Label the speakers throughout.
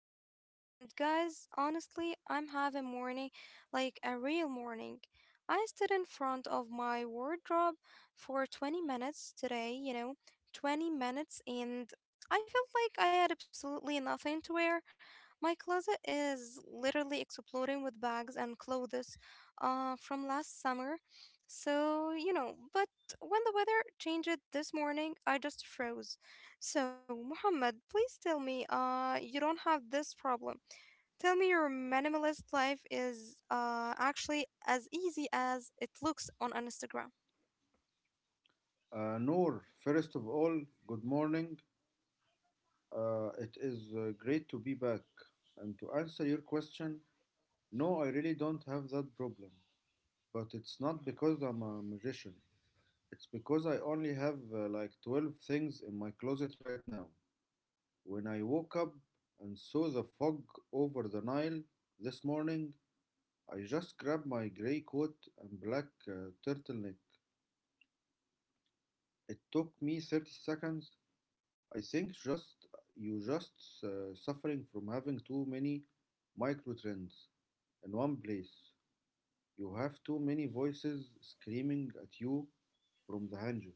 Speaker 1: Noor, and guys, honestly, I'm having morning like a real morning. I stood in front of my wardrobe for 20 minutes today, 20 minutes, and I felt like I had absolutely nothing to wear. My closet is literally exploding with bags and clothes from last summer. So, but when the weather changed this morning, I just froze. So, Muhammad, please tell me, you don't have this problem. Tell me your minimalist life is actually as easy as it looks on Instagram.
Speaker 2: Noor, first of all, good morning. It is great to be back. And to answer your question, no, I really don't have that problem. But it's not because I'm a magician. It's because I only have like 12 things in my closet right now. When I woke up and saw the fog over the Nile this morning, I just grabbed my gray coat and black turtleneck. It took me 30 seconds I think just you just suffering from having too many micro trends in one place. You have too many voices screaming at you from the hangar.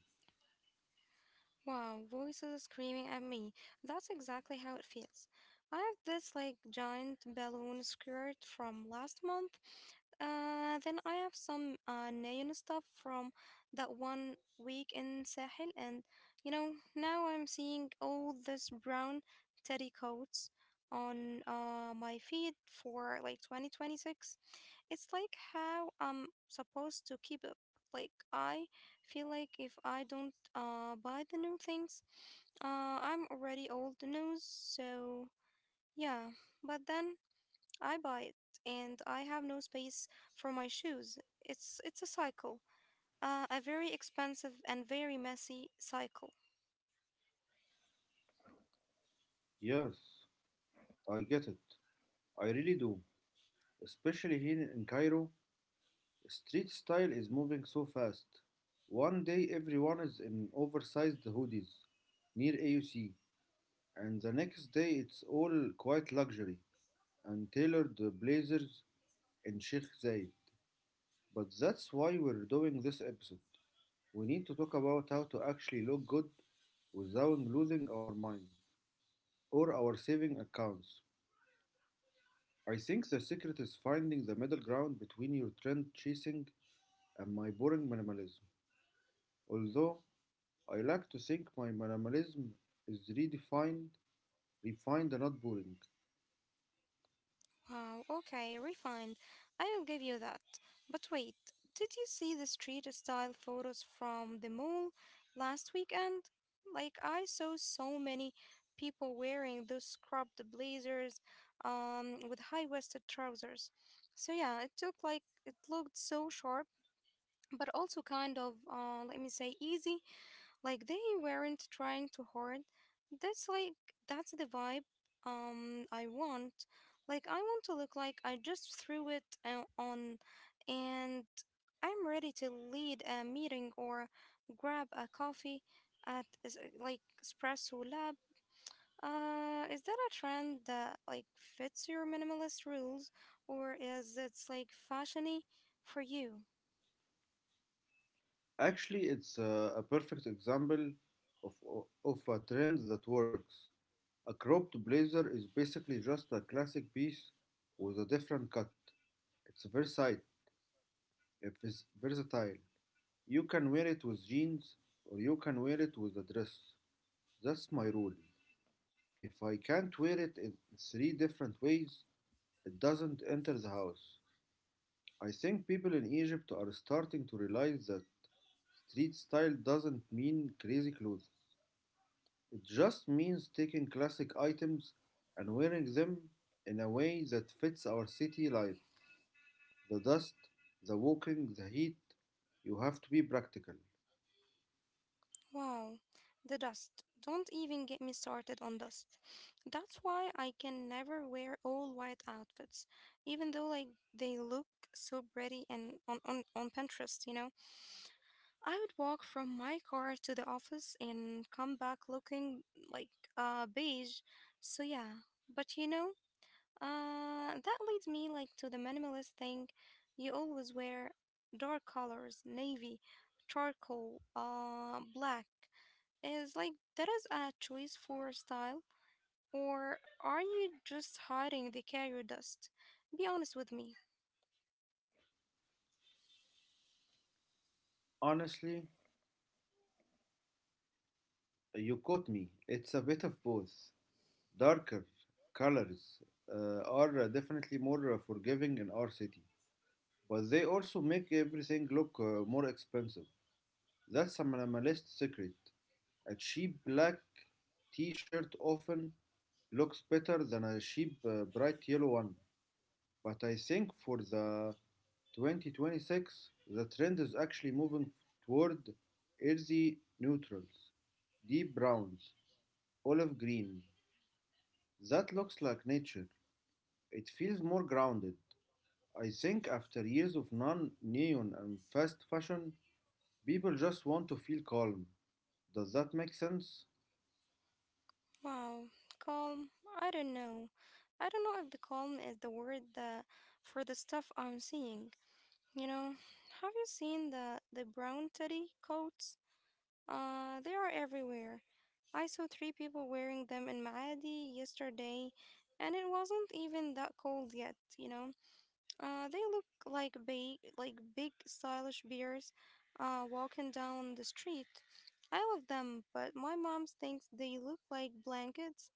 Speaker 1: Wow, voices screaming at me. That's exactly how it feels. I have this like giant balloon skirt from last month. Then I have some neon stuff from that one week in Sahel, and now I'm seeing all this brown teddy coats on my feed for like 2026. It's like how I'm supposed to keep up. Like I feel like if I don't buy the new things, I'm already old news. So yeah, but then I buy it and I have no space for my shoes. It's a cycle. A very expensive and very messy cycle.
Speaker 2: Yes, I get it. I really do. Especially here in Cairo, street style is moving so fast. One day everyone is in oversized hoodies near AUC, and the next day it's all quite luxury and tailored blazers in Sheikh Zayed. But that's why we're doing this episode. We need to talk about how to actually look good without losing our minds or our saving accounts. I think the secret is finding the middle ground between your trend chasing and my boring minimalism. Although I like to think my minimalism is redefined, refined, and not boring.
Speaker 1: Wow, okay, refined. I will give you that. But wait, did you see the street style photos from the mall last weekend? Like, I saw so many people wearing those scrubbed blazers with high waisted trousers. So, yeah, it took like it looked so sharp, but also kind of, let me say, easy. Like they weren't trying too hard. That's like that's the vibe I want. Like I want to look like I just threw it on and I'm ready to lead a meeting or grab a coffee at like espresso lab. Is that a trend that like fits your minimalist rules or is it's like fashiony for you?
Speaker 2: Actually, it's a perfect example of, of a trend that works. A cropped blazer is basically just a classic piece with a different cut. It's versatile. it's versatile, you can wear it with jeans or you can wear it with a dress. That's my rule. If I can't wear it in three different ways, it doesn't enter the house. I think people in Egypt are starting to realize that street style doesn't mean crazy clothes. It just means taking classic items and wearing them in a way that fits our city life. The dust, the walking, the heat. You have to be practical.
Speaker 1: Wow, the dust. Don't even get me started on dust. That's why I can never wear all white outfits, even though like they look so pretty and on Pinterest, you know. I would walk from my car to the office and come back looking like beige. So yeah, but you know, that leads me like to the minimalist thing. You always wear dark colors, navy, charcoal, black is like that is a choice for style, or are you just hiding the carrier dust? Be honest with me.
Speaker 2: Honestly, you caught me. It's a bit of both. Darker colors are definitely more forgiving in our city, but they also make everything look more expensive. That's a minimalist secret. A cheap black T-shirt often looks better than a cheap bright yellow one. But I think for the 2026, the trend is actually moving toward earthy neutrals, deep browns, olive green. That looks like nature. It feels more grounded. I think after years of non neon and fast fashion, people just want to feel calm. Does that make sense?
Speaker 1: Wow, calm. I don't know. I don't know if the calm is the word that for the stuff I'm seeing. You know, have you seen the brown teddy coats? They are everywhere. I saw three people wearing them in Maadi yesterday, and it wasn't even that cold yet. You know, they look like big stylish bears, walking down the street. I love them, but my mom thinks they look like blankets.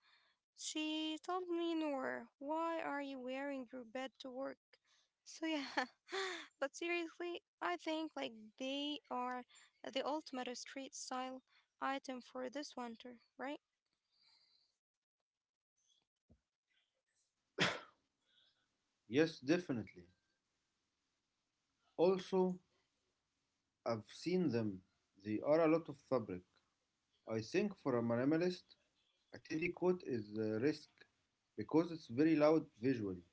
Speaker 1: She told me, Noor, why are you wearing your bed to work? So yeah, but seriously, I think like they are the ultimate street style item for this winter, right?
Speaker 2: Yes, definitely. Also, I've seen them. They are a lot of fabric. I think for a minimalist, a teddy coat is a risk because it's very loud visually.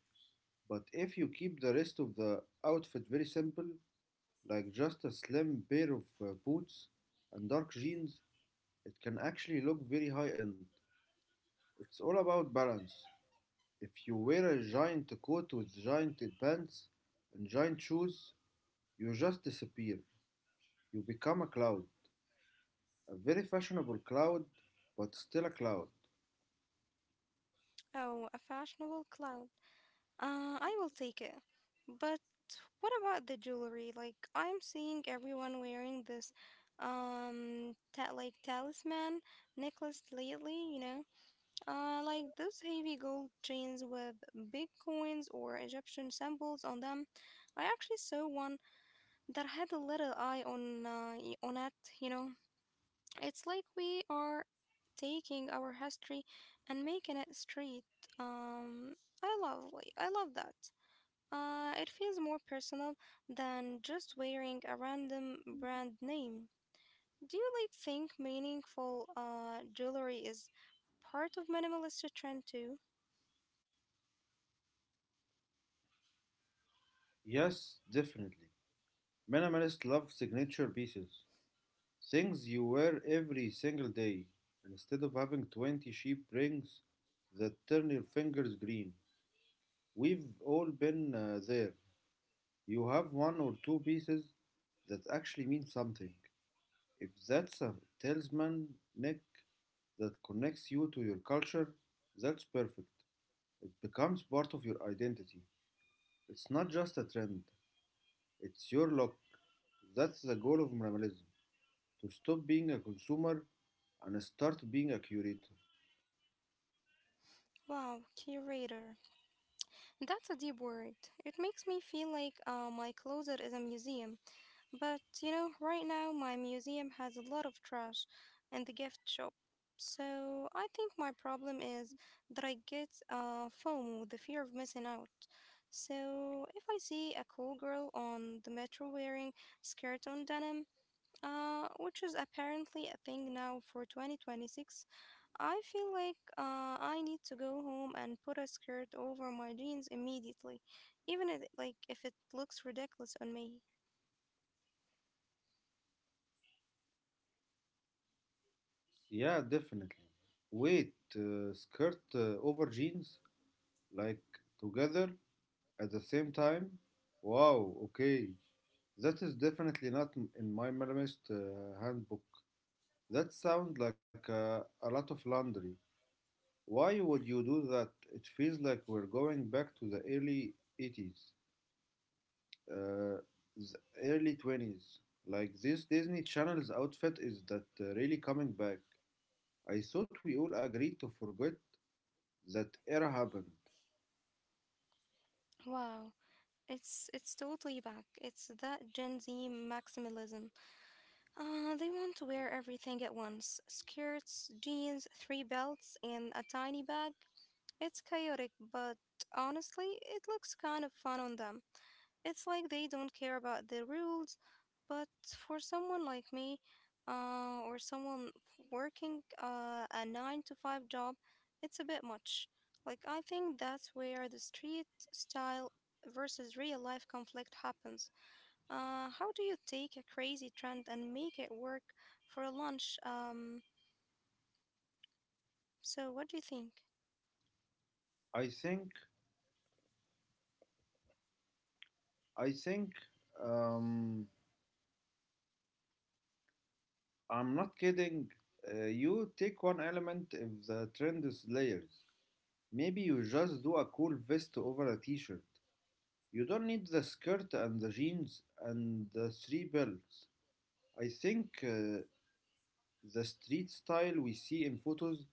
Speaker 2: But if you keep the rest of the outfit very simple, like just a slim pair of boots and dark jeans, it can actually look very high end. It's all about balance. If you wear a giant coat with giant pants and giant shoes, you just disappear. You become a cloud. A very fashionable cloud, but still a cloud.
Speaker 1: Oh, a fashionable cloud. I will take it. But what about the jewelry? Like, I'm seeing everyone wearing this, like talisman necklace lately, you know? Like those heavy gold chains with big coins or Egyptian symbols on them. I actually saw one that had a little eye on, on it, you know? It's like we are taking our history and making it straight. Um, I love that. It feels more personal than just wearing a random brand name. Do you think meaningful jewelry is part of minimalist trend too?
Speaker 2: Yes, definitely. Minimalists love signature pieces. Things you wear every single day. Instead of having 20 sheep rings that turn your fingers green. We've all been there. You have one or two pieces that actually mean something. If that's a talisman neck that connects you to your culture, that's perfect. It becomes part of your identity. It's not just a trend, it's your luck. That's the goal of minimalism to stop being a consumer and start being a curator.
Speaker 1: Wow, curator. That's a deep word. It makes me feel like my closet is a museum. But you know, right now my museum has a lot of trash and the gift shop. So I think my problem is that I get FOMO, the fear of missing out. So if I see a cool girl on the metro wearing skirt on denim, which is apparently a thing now for 2026, I feel like I need to go home and put a skirt over my jeans immediately, even if it looks ridiculous on me.
Speaker 2: Yeah, definitely. Wait, skirt over jeans? Like together at the same time? Wow, okay. That is definitely not in my minimalist handbook. That sounds like a lot of laundry. Why would you do that? It feels like we're going back to the early 80s. uh, the early 20s. Like this Disney Channel's outfit is that really coming back. I thought we all agreed to forget that era happened.
Speaker 1: Wow. It's totally back. It's that Gen Z maximalism. They want to wear everything at once: skirts, jeans, three belts, and a tiny bag. It's chaotic, but honestly, it looks kind of fun on them. It's like they don't care about the rules, but for someone like me, or someone working a nine to five job, it's a bit much. Like, I think that's where the street style versus real life conflict happens. How do you take a crazy trend and make it work for a lunch? So, what do you think?
Speaker 2: I think, I think, um, I'm not kidding. You take one element if the trend is layers. Maybe you just do a cool vest over a t-shirt. You don't need the skirt and the jeans and the three belts. I think the street style we see in photos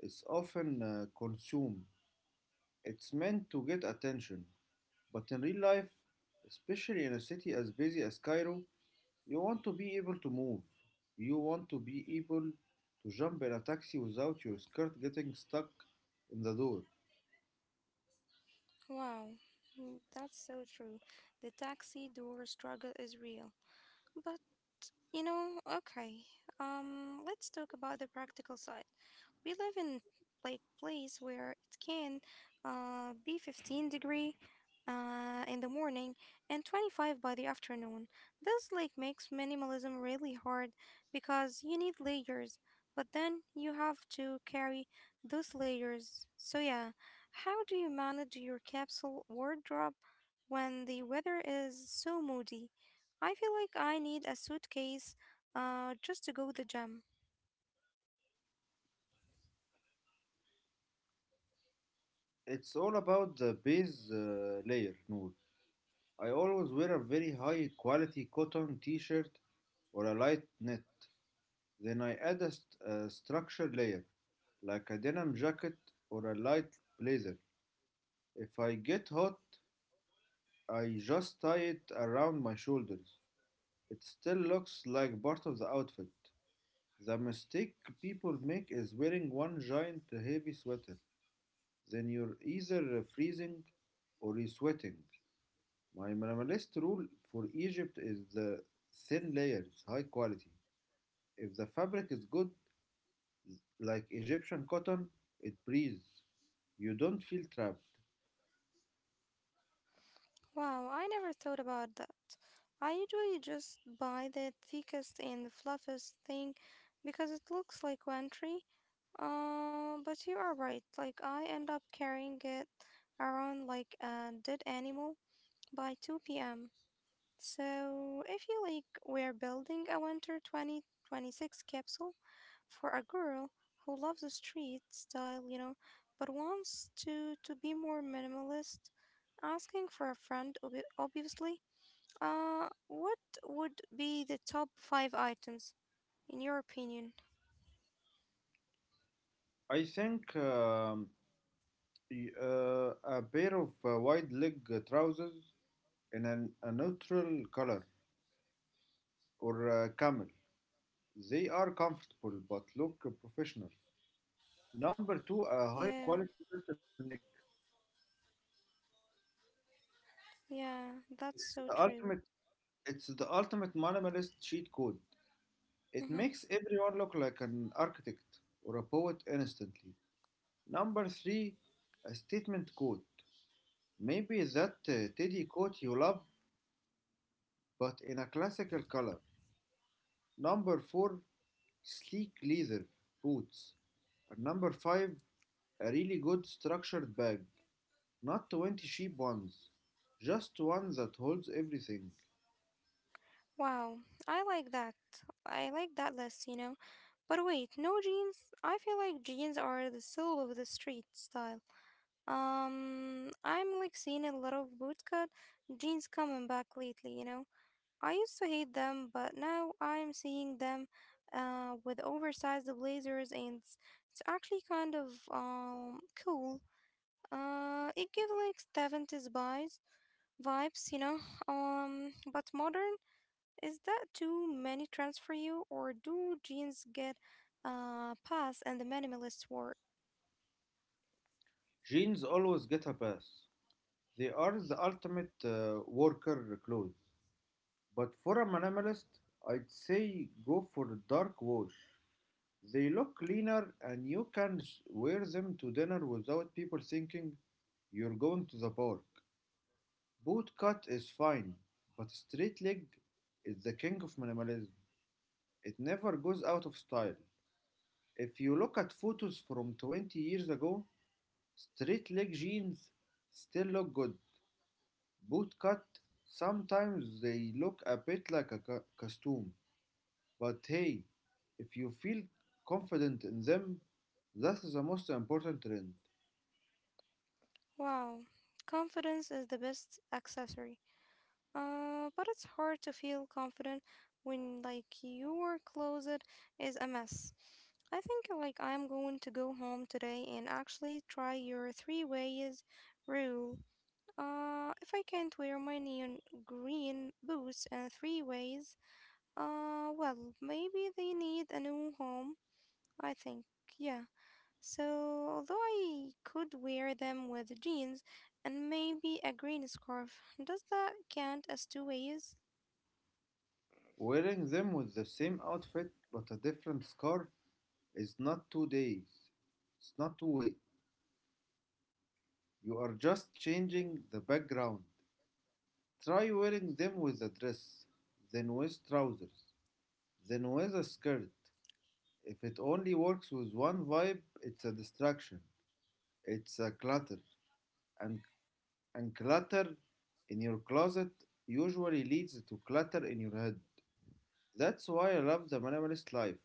Speaker 2: is often consumed. It's meant to get attention, but in real life, especially in a city as busy as Cairo, you want to be able to move. You want to be able to jump in a taxi without your skirt getting stuck in the door.
Speaker 1: Wow, mm, that's so true. The taxi door struggle is real. But you know, okay. Let's talk about the practical side. We live in like place where it can be 15 degree in the morning and 25 by the afternoon. This like makes minimalism really hard because you need layers, but then you have to carry those layers. So yeah, how do you manage your capsule wardrobe when the weather is so moody? I feel like I need a suitcase just to go to the gym.
Speaker 2: It's all about the base layer, Noor. I always wear a very high quality cotton t shirt or a light knit. Then I add a structure layer, like a denim jacket or a light blazer. If I get hot, I just tie it around my shoulders. It still looks like part of the outfit. The mistake people make is wearing one giant heavy sweater. Then you're either freezing or you're sweating. My minimalist rule for Egypt is the thin layers, high quality. If the fabric is good, like Egyptian cotton, it breathes. You don't feel trapped.
Speaker 1: Wow, I never thought about that. I usually just buy the thickest and the fluffiest thing because it looks like laundry. But you are right. Like I end up carrying it around like a dead animal by 2 p.m. So if you like, we're building a winter 2026 capsule for a girl who loves the street style, you know, but wants to be more minimalist. Asking for a friend, obviously. What would be the top five items in your opinion?
Speaker 2: I think A pair of wide leg trousers in a neutral color or camel. They are comfortable but look professional. Number two, a high
Speaker 1: Yeah,
Speaker 2: quality turtleneck.
Speaker 1: yeah, that's
Speaker 2: It's
Speaker 1: so
Speaker 2: the
Speaker 1: true.
Speaker 2: ultimate. It's the ultimate minimalist cheat code. It
Speaker 1: Hmm.
Speaker 2: makes everyone look like an architect or a poet instantly. Number three, a statement quote. Maybe that Teddy quote you love, but in a classical color. Number four, sleek leather boots. And number five, a really good structured bag. Not 20 cheap ones, just one that holds everything.
Speaker 1: Wow, I like that. I like that list, you know. But wait, no jeans? I feel like jeans are the soul of the street style. I'm like seeing a lot of bootcut jeans coming back lately, you know. I used to hate them, but now I'm seeing them with oversized blazers and it's actually kind of cool. It gives like 70s vibes, you know. But modern, is that too many trends for you or do jeans get pass and the minimalist word?
Speaker 2: Jeans always get a pass. They are the ultimate worker clothes. But for a minimalist, I'd say go for dark wash. They look cleaner and you can wear them to dinner without people thinking you're going to the park. Boot cut is fine, but straight leg is the king of minimalism. It never goes out of style. If you look at photos from 20 years ago, straight leg jeans still look good. Boot cut, sometimes they look a bit like a costume, but hey, if you feel confident in them, that is the most important trend.
Speaker 1: Wow. Confidence is the best accessory. But it's hard to feel confident when like your closet is a mess. I think like I'm going to go home today and actually try your three ways rule. If I can't wear my neon green boots in three ways, well, maybe they need a new home. I think, yeah. So, although I could wear them with jeans and maybe a green scarf, does that count as two ways?
Speaker 2: Wearing them with the same outfit but a different scarf is not two days. It's not two ways. You are just changing the background. Try wearing them with a dress, then with trousers, then with a skirt. If it only works with one vibe, it's a distraction. It's a clutter. And, and clutter in your closet usually leads to clutter in your head. That's why I love the minimalist life.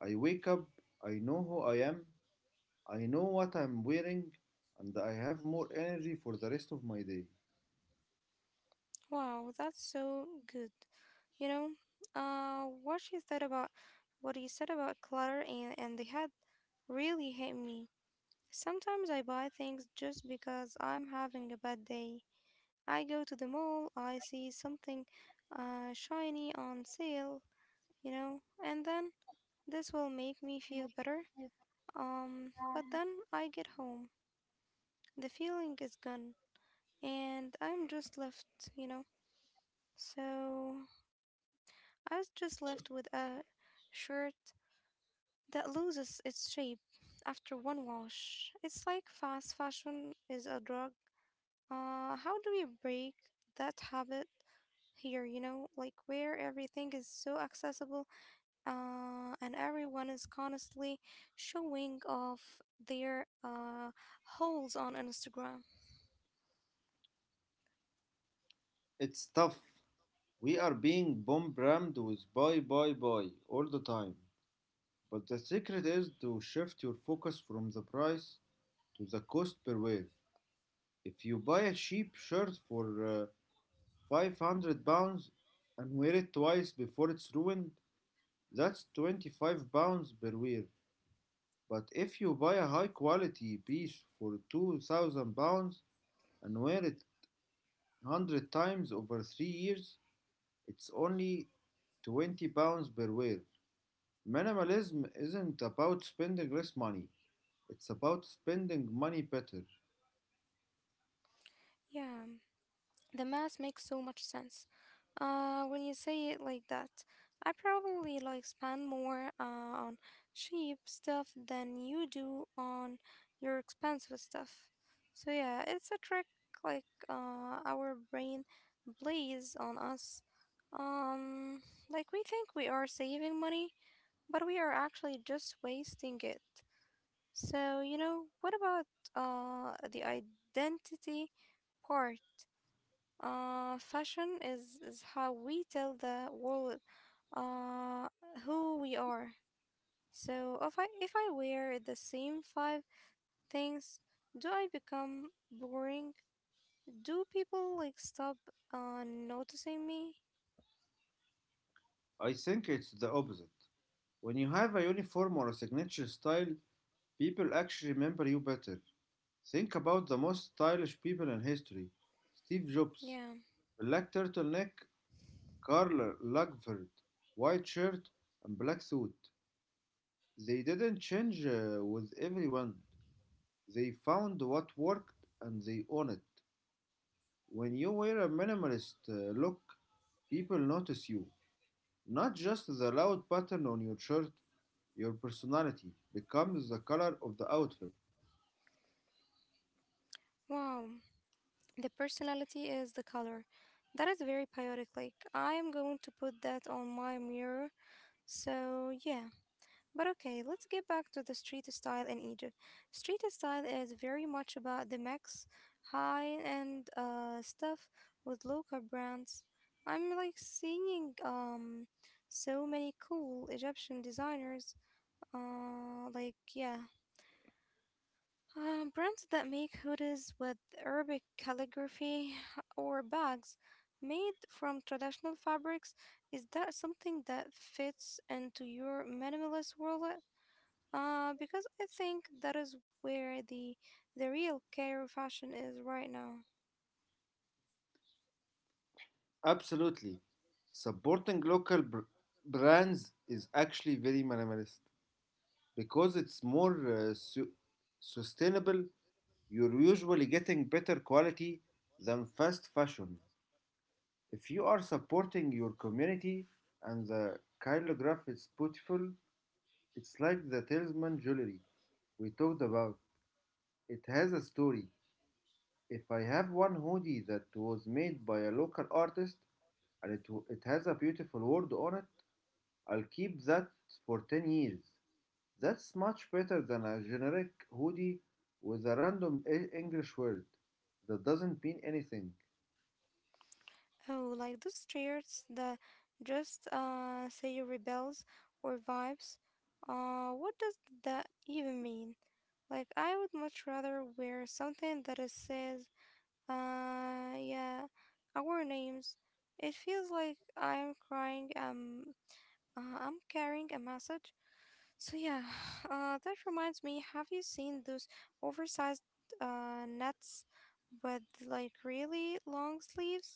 Speaker 2: I wake up, I know who I am, I know what I'm wearing, and I have more energy for the rest of my day.
Speaker 1: Wow, that's so good. You know, uh, what she said about what he said about clutter and the head really hit me. Sometimes I buy things just because I'm having a bad day. I go to the mall, I see something shiny on sale, you know, and then this will make me feel better. But then I get home, the feeling is gone, and I'm just left, you know. So I was just left with a shirt that loses its shape after one wash. It's like fast fashion is a drug. How do we break that habit here, you know, like where everything is so accessible and everyone is constantly showing off their hauls on Instagram?
Speaker 2: It's tough, we are being bombarded with buy, buy, buy all the time. But the secret is to shift your focus from the price to the cost per wear. If you buy a cheap shirt for 500 pounds and wear it twice before it's ruined, that's 25 pounds per wear. But if you buy a high quality piece for 2000 pounds and wear it 100 times over 3 years, it's only 20 pounds per wear. Minimalism isn't about spending less money, it's about spending money better.
Speaker 1: Yeah, the math makes so much sense. When you say it like that, I probably like spend more on cheap stuff than you do on your expensive stuff. So yeah, it's a trick like our brain plays on us. Um, like we think we are saving money, but we are actually just wasting it. So, you know, what about the identity part? Is how we tell the world uh, who we are. So if I wear the same five things, do I become boring? Do people stop noticing me?
Speaker 2: I think it's the opposite. When you have a uniform or a signature style, people actually remember you better. Think about the most stylish people in history: Steve
Speaker 1: Yeah.
Speaker 2: Jobs, black turtleneck, Karl Lagerfeld, white shirt, and black suit. They didn't change with everyone, they found what worked and they own it. When you wear a minimalist look, people notice you, not just the loud pattern on your shirt. Your personality becomes the color of the outfit.
Speaker 1: Wow. The personality is the color. That is very chaotic. Like I am going to put that on my mirror. So yeah. But okay, let's get back to the street style in Egypt. Street style is very much about the max high-end stuff with local brands. I'm like seeing so many cool Egyptian designers. Uh, like yeah, brands that make hoodies with Arabic calligraphy or bags made from traditional fabrics. Is that something that fits into your minimalist world because I think that is where the real care fashion is right now.
Speaker 2: Absolutely. Supporting local brands is actually very minimalist because it's more uh, su- sustainable. You're usually getting better quality than fast fashion. If you are supporting your community and the chirograph is beautiful, it's like the talisman jewelry we talked about. It has a story. If I have one hoodie that was made by a local artist and it has a beautiful word on it, I'll keep that for 10 years. That's much better than a generic hoodie with a random English word that doesn't mean anything.
Speaker 1: Oh, like those shirts that just say rebels or vibes. What does that even mean? Like, I would much rather wear something that is says, yeah, our names. It feels like I'm crying. I'm carrying a message. So yeah, that reminds me, have you seen those oversized nets with like really long sleeves?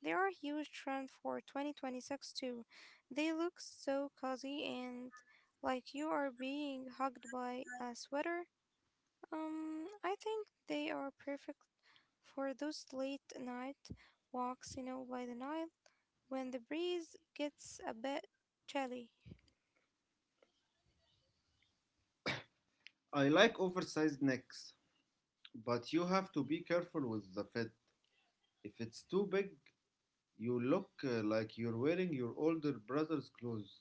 Speaker 1: They are a huge trend for 2026 too. They look so cozy and like you are being hugged by a sweater. I think they are perfect for those late night walks, by the Nile when the breeze gets a bit chilly.
Speaker 2: I like oversized necks, but you have to be careful with the fit. If it's too big, you look like you're wearing your older brother's clothes.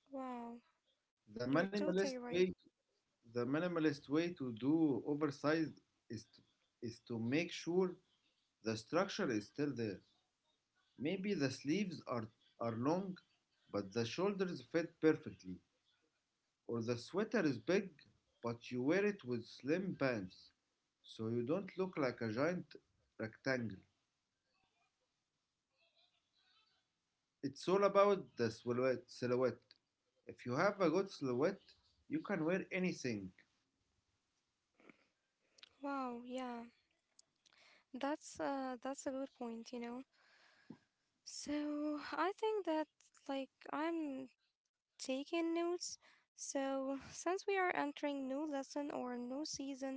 Speaker 1: Wow,
Speaker 2: The
Speaker 1: you're totally
Speaker 2: minimalist
Speaker 1: right.
Speaker 2: way the minimalist way to do oversized is is to make sure the structure is still there. Maybe the sleeves are long, but the shoulders fit perfectly. Or the sweater is big, but you wear it with slim pants, so you don't look like a giant rectangle. It's all about the silhouette. If you have a good silhouette, you can wear anything.
Speaker 1: Wow, yeah. That's a good point. So I think that like I'm taking notes. So since we are entering new lesson or new season,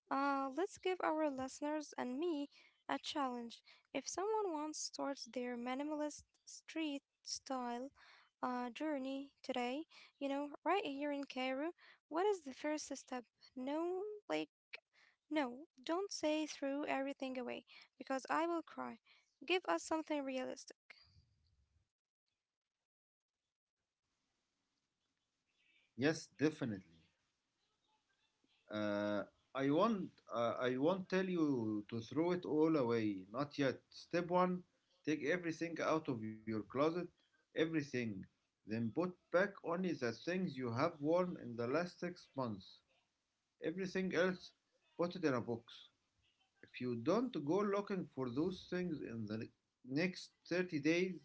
Speaker 1: let's give our listeners and me a challenge. If someone wants starts their minimalist street style journey today, right here in Cairo, what is the first step? No, like no, don't say threw everything away, because I will cry. Give us something realistic.
Speaker 2: Yes, definitely. Uh, I won't tell you to throw it all away. Not yet. Step one: take everything out of your closet. Everything. Then put back only the things you have worn in the last six months. Everything else, put it in a box. If you don't go looking for those things in the next 30 days,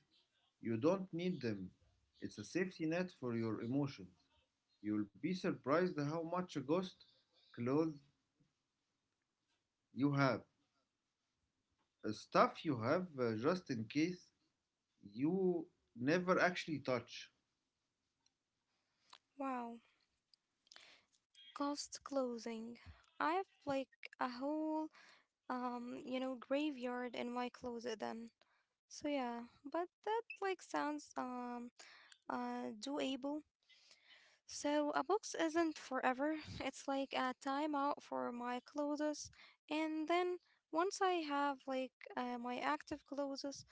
Speaker 2: you don't need them. It's a safety net for your emotions. You'll be surprised how much a ghost clothes you have, stuff you have just in case you never actually touch.
Speaker 1: Wow, cost closing. I've like a whole, graveyard in my closet then. So yeah, but that like sounds doable. So a box isn't forever. It's like a timeout for my clothes, and then once I have like my active clothes,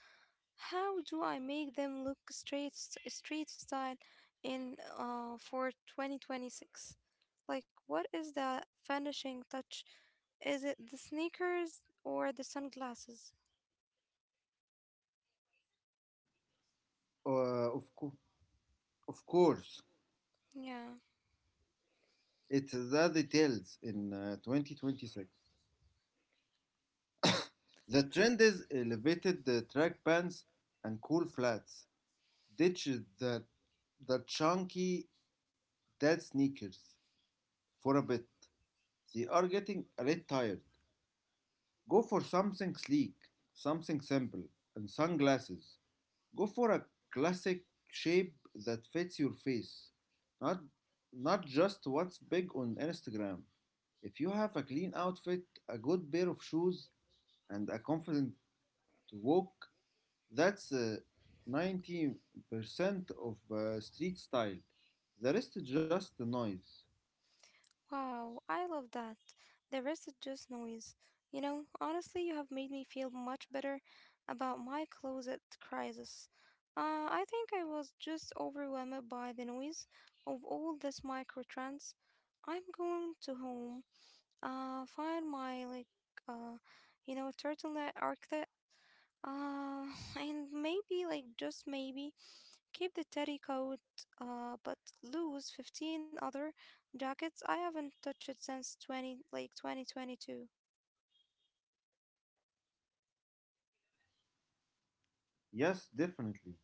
Speaker 1: how do I make them look street style in for 2026? Like what is the finishing touch? Is it the sneakers or the sunglasses?
Speaker 2: Uh, of, co- of course,
Speaker 1: Yeah.
Speaker 2: it's the details in 2026. The trend is elevated track pants and cool flats. Ditch the, the chunky dead sneakers for a bit. They are getting a bit tired. Go for something sleek, something simple, and sunglasses. Go for a classic shape that fits your face, not not just what's big on Instagram. If you have a clean outfit, a good pair of shoes, and a confident walk, that's 90% of street style. The rest is just the noise.
Speaker 1: Wow, I love that. The rest is just noise. You know, honestly, you have made me feel much better about my closet crisis. I think I was just overwhelmed by the noise of all this microtrans. I'm going to home. Find my like uh, turtleneck arctic. Uh, and maybe like just maybe keep the teddy coat. But lose 15 other jackets I haven't touched since 2022.
Speaker 2: Yes, definitely.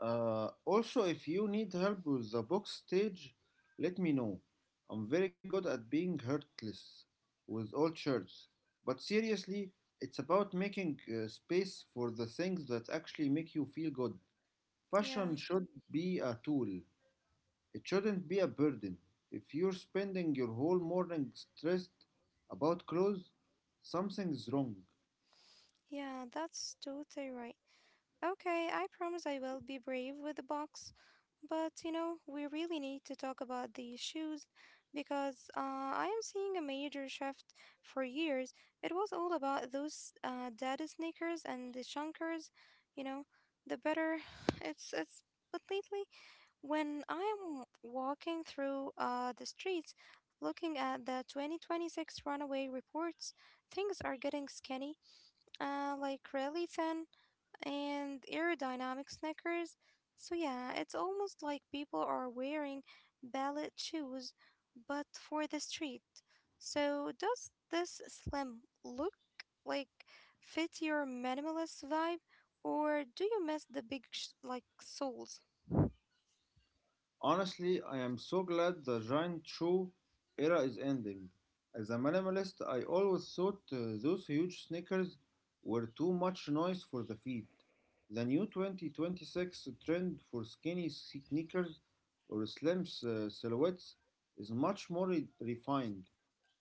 Speaker 2: Also, if you need help with the box stage, let me know. I'm very good at being heartless with all shirts. But seriously, it's about making space for the things that actually make you feel good. Fashion
Speaker 1: Yeah,
Speaker 2: should be a tool, it shouldn't be a burden. If you're spending your whole morning stressed about clothes, something's wrong.
Speaker 1: yeah, that's totally right. Okay, I promise I will be brave with the box. But you know, we really need to talk about the shoes because I am seeing a major shift for years. It was all about those dad sneakers and the chunkers, you know, the better. It's. But lately, when I am walking through the streets looking at the 2026 runaway reports, things are getting skinny, like really thin and aerodynamic sneakers. So, yeah, it's almost like people are wearing ballet shoes, but for the street. So, does this slim look like fit your minimalist vibe, or do you miss the big like soles?
Speaker 2: Honestly, I am so glad the giant shoe era is ending. As a minimalist, I always thought those huge sneakers were too much noise for the feet. The new 2026 trend for skinny sneakers or slim silhouettes is much more refined.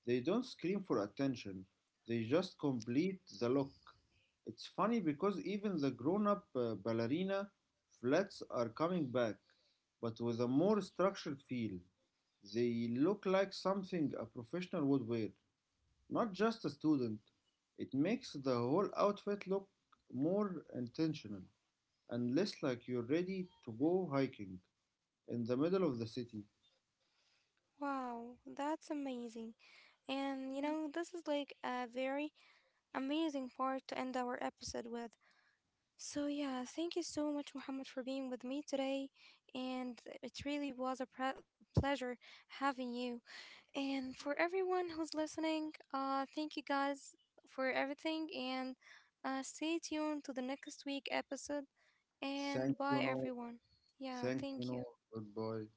Speaker 2: They don't scream for attention, they just complete the look. It's funny because even the grown up ballerina flats are coming back, but with a more structured feel. They look like something a professional would wear, not just a student. It makes the whole outfit look more intentional and less like you're ready to go hiking in the middle of the city.
Speaker 1: Wow, that's amazing. And you know, this is like a very amazing part to end our episode with. So, yeah, thank you so much, Muhammad, for being with me today. And it really was a pleasure having you. And for everyone who's listening, thank you guys for everything. And stay tuned to the next week episode. And
Speaker 2: Thank
Speaker 1: bye,
Speaker 2: you, no.
Speaker 1: everyone. Yeah,
Speaker 2: Thank you,
Speaker 1: thank you.
Speaker 2: no. Goodbye.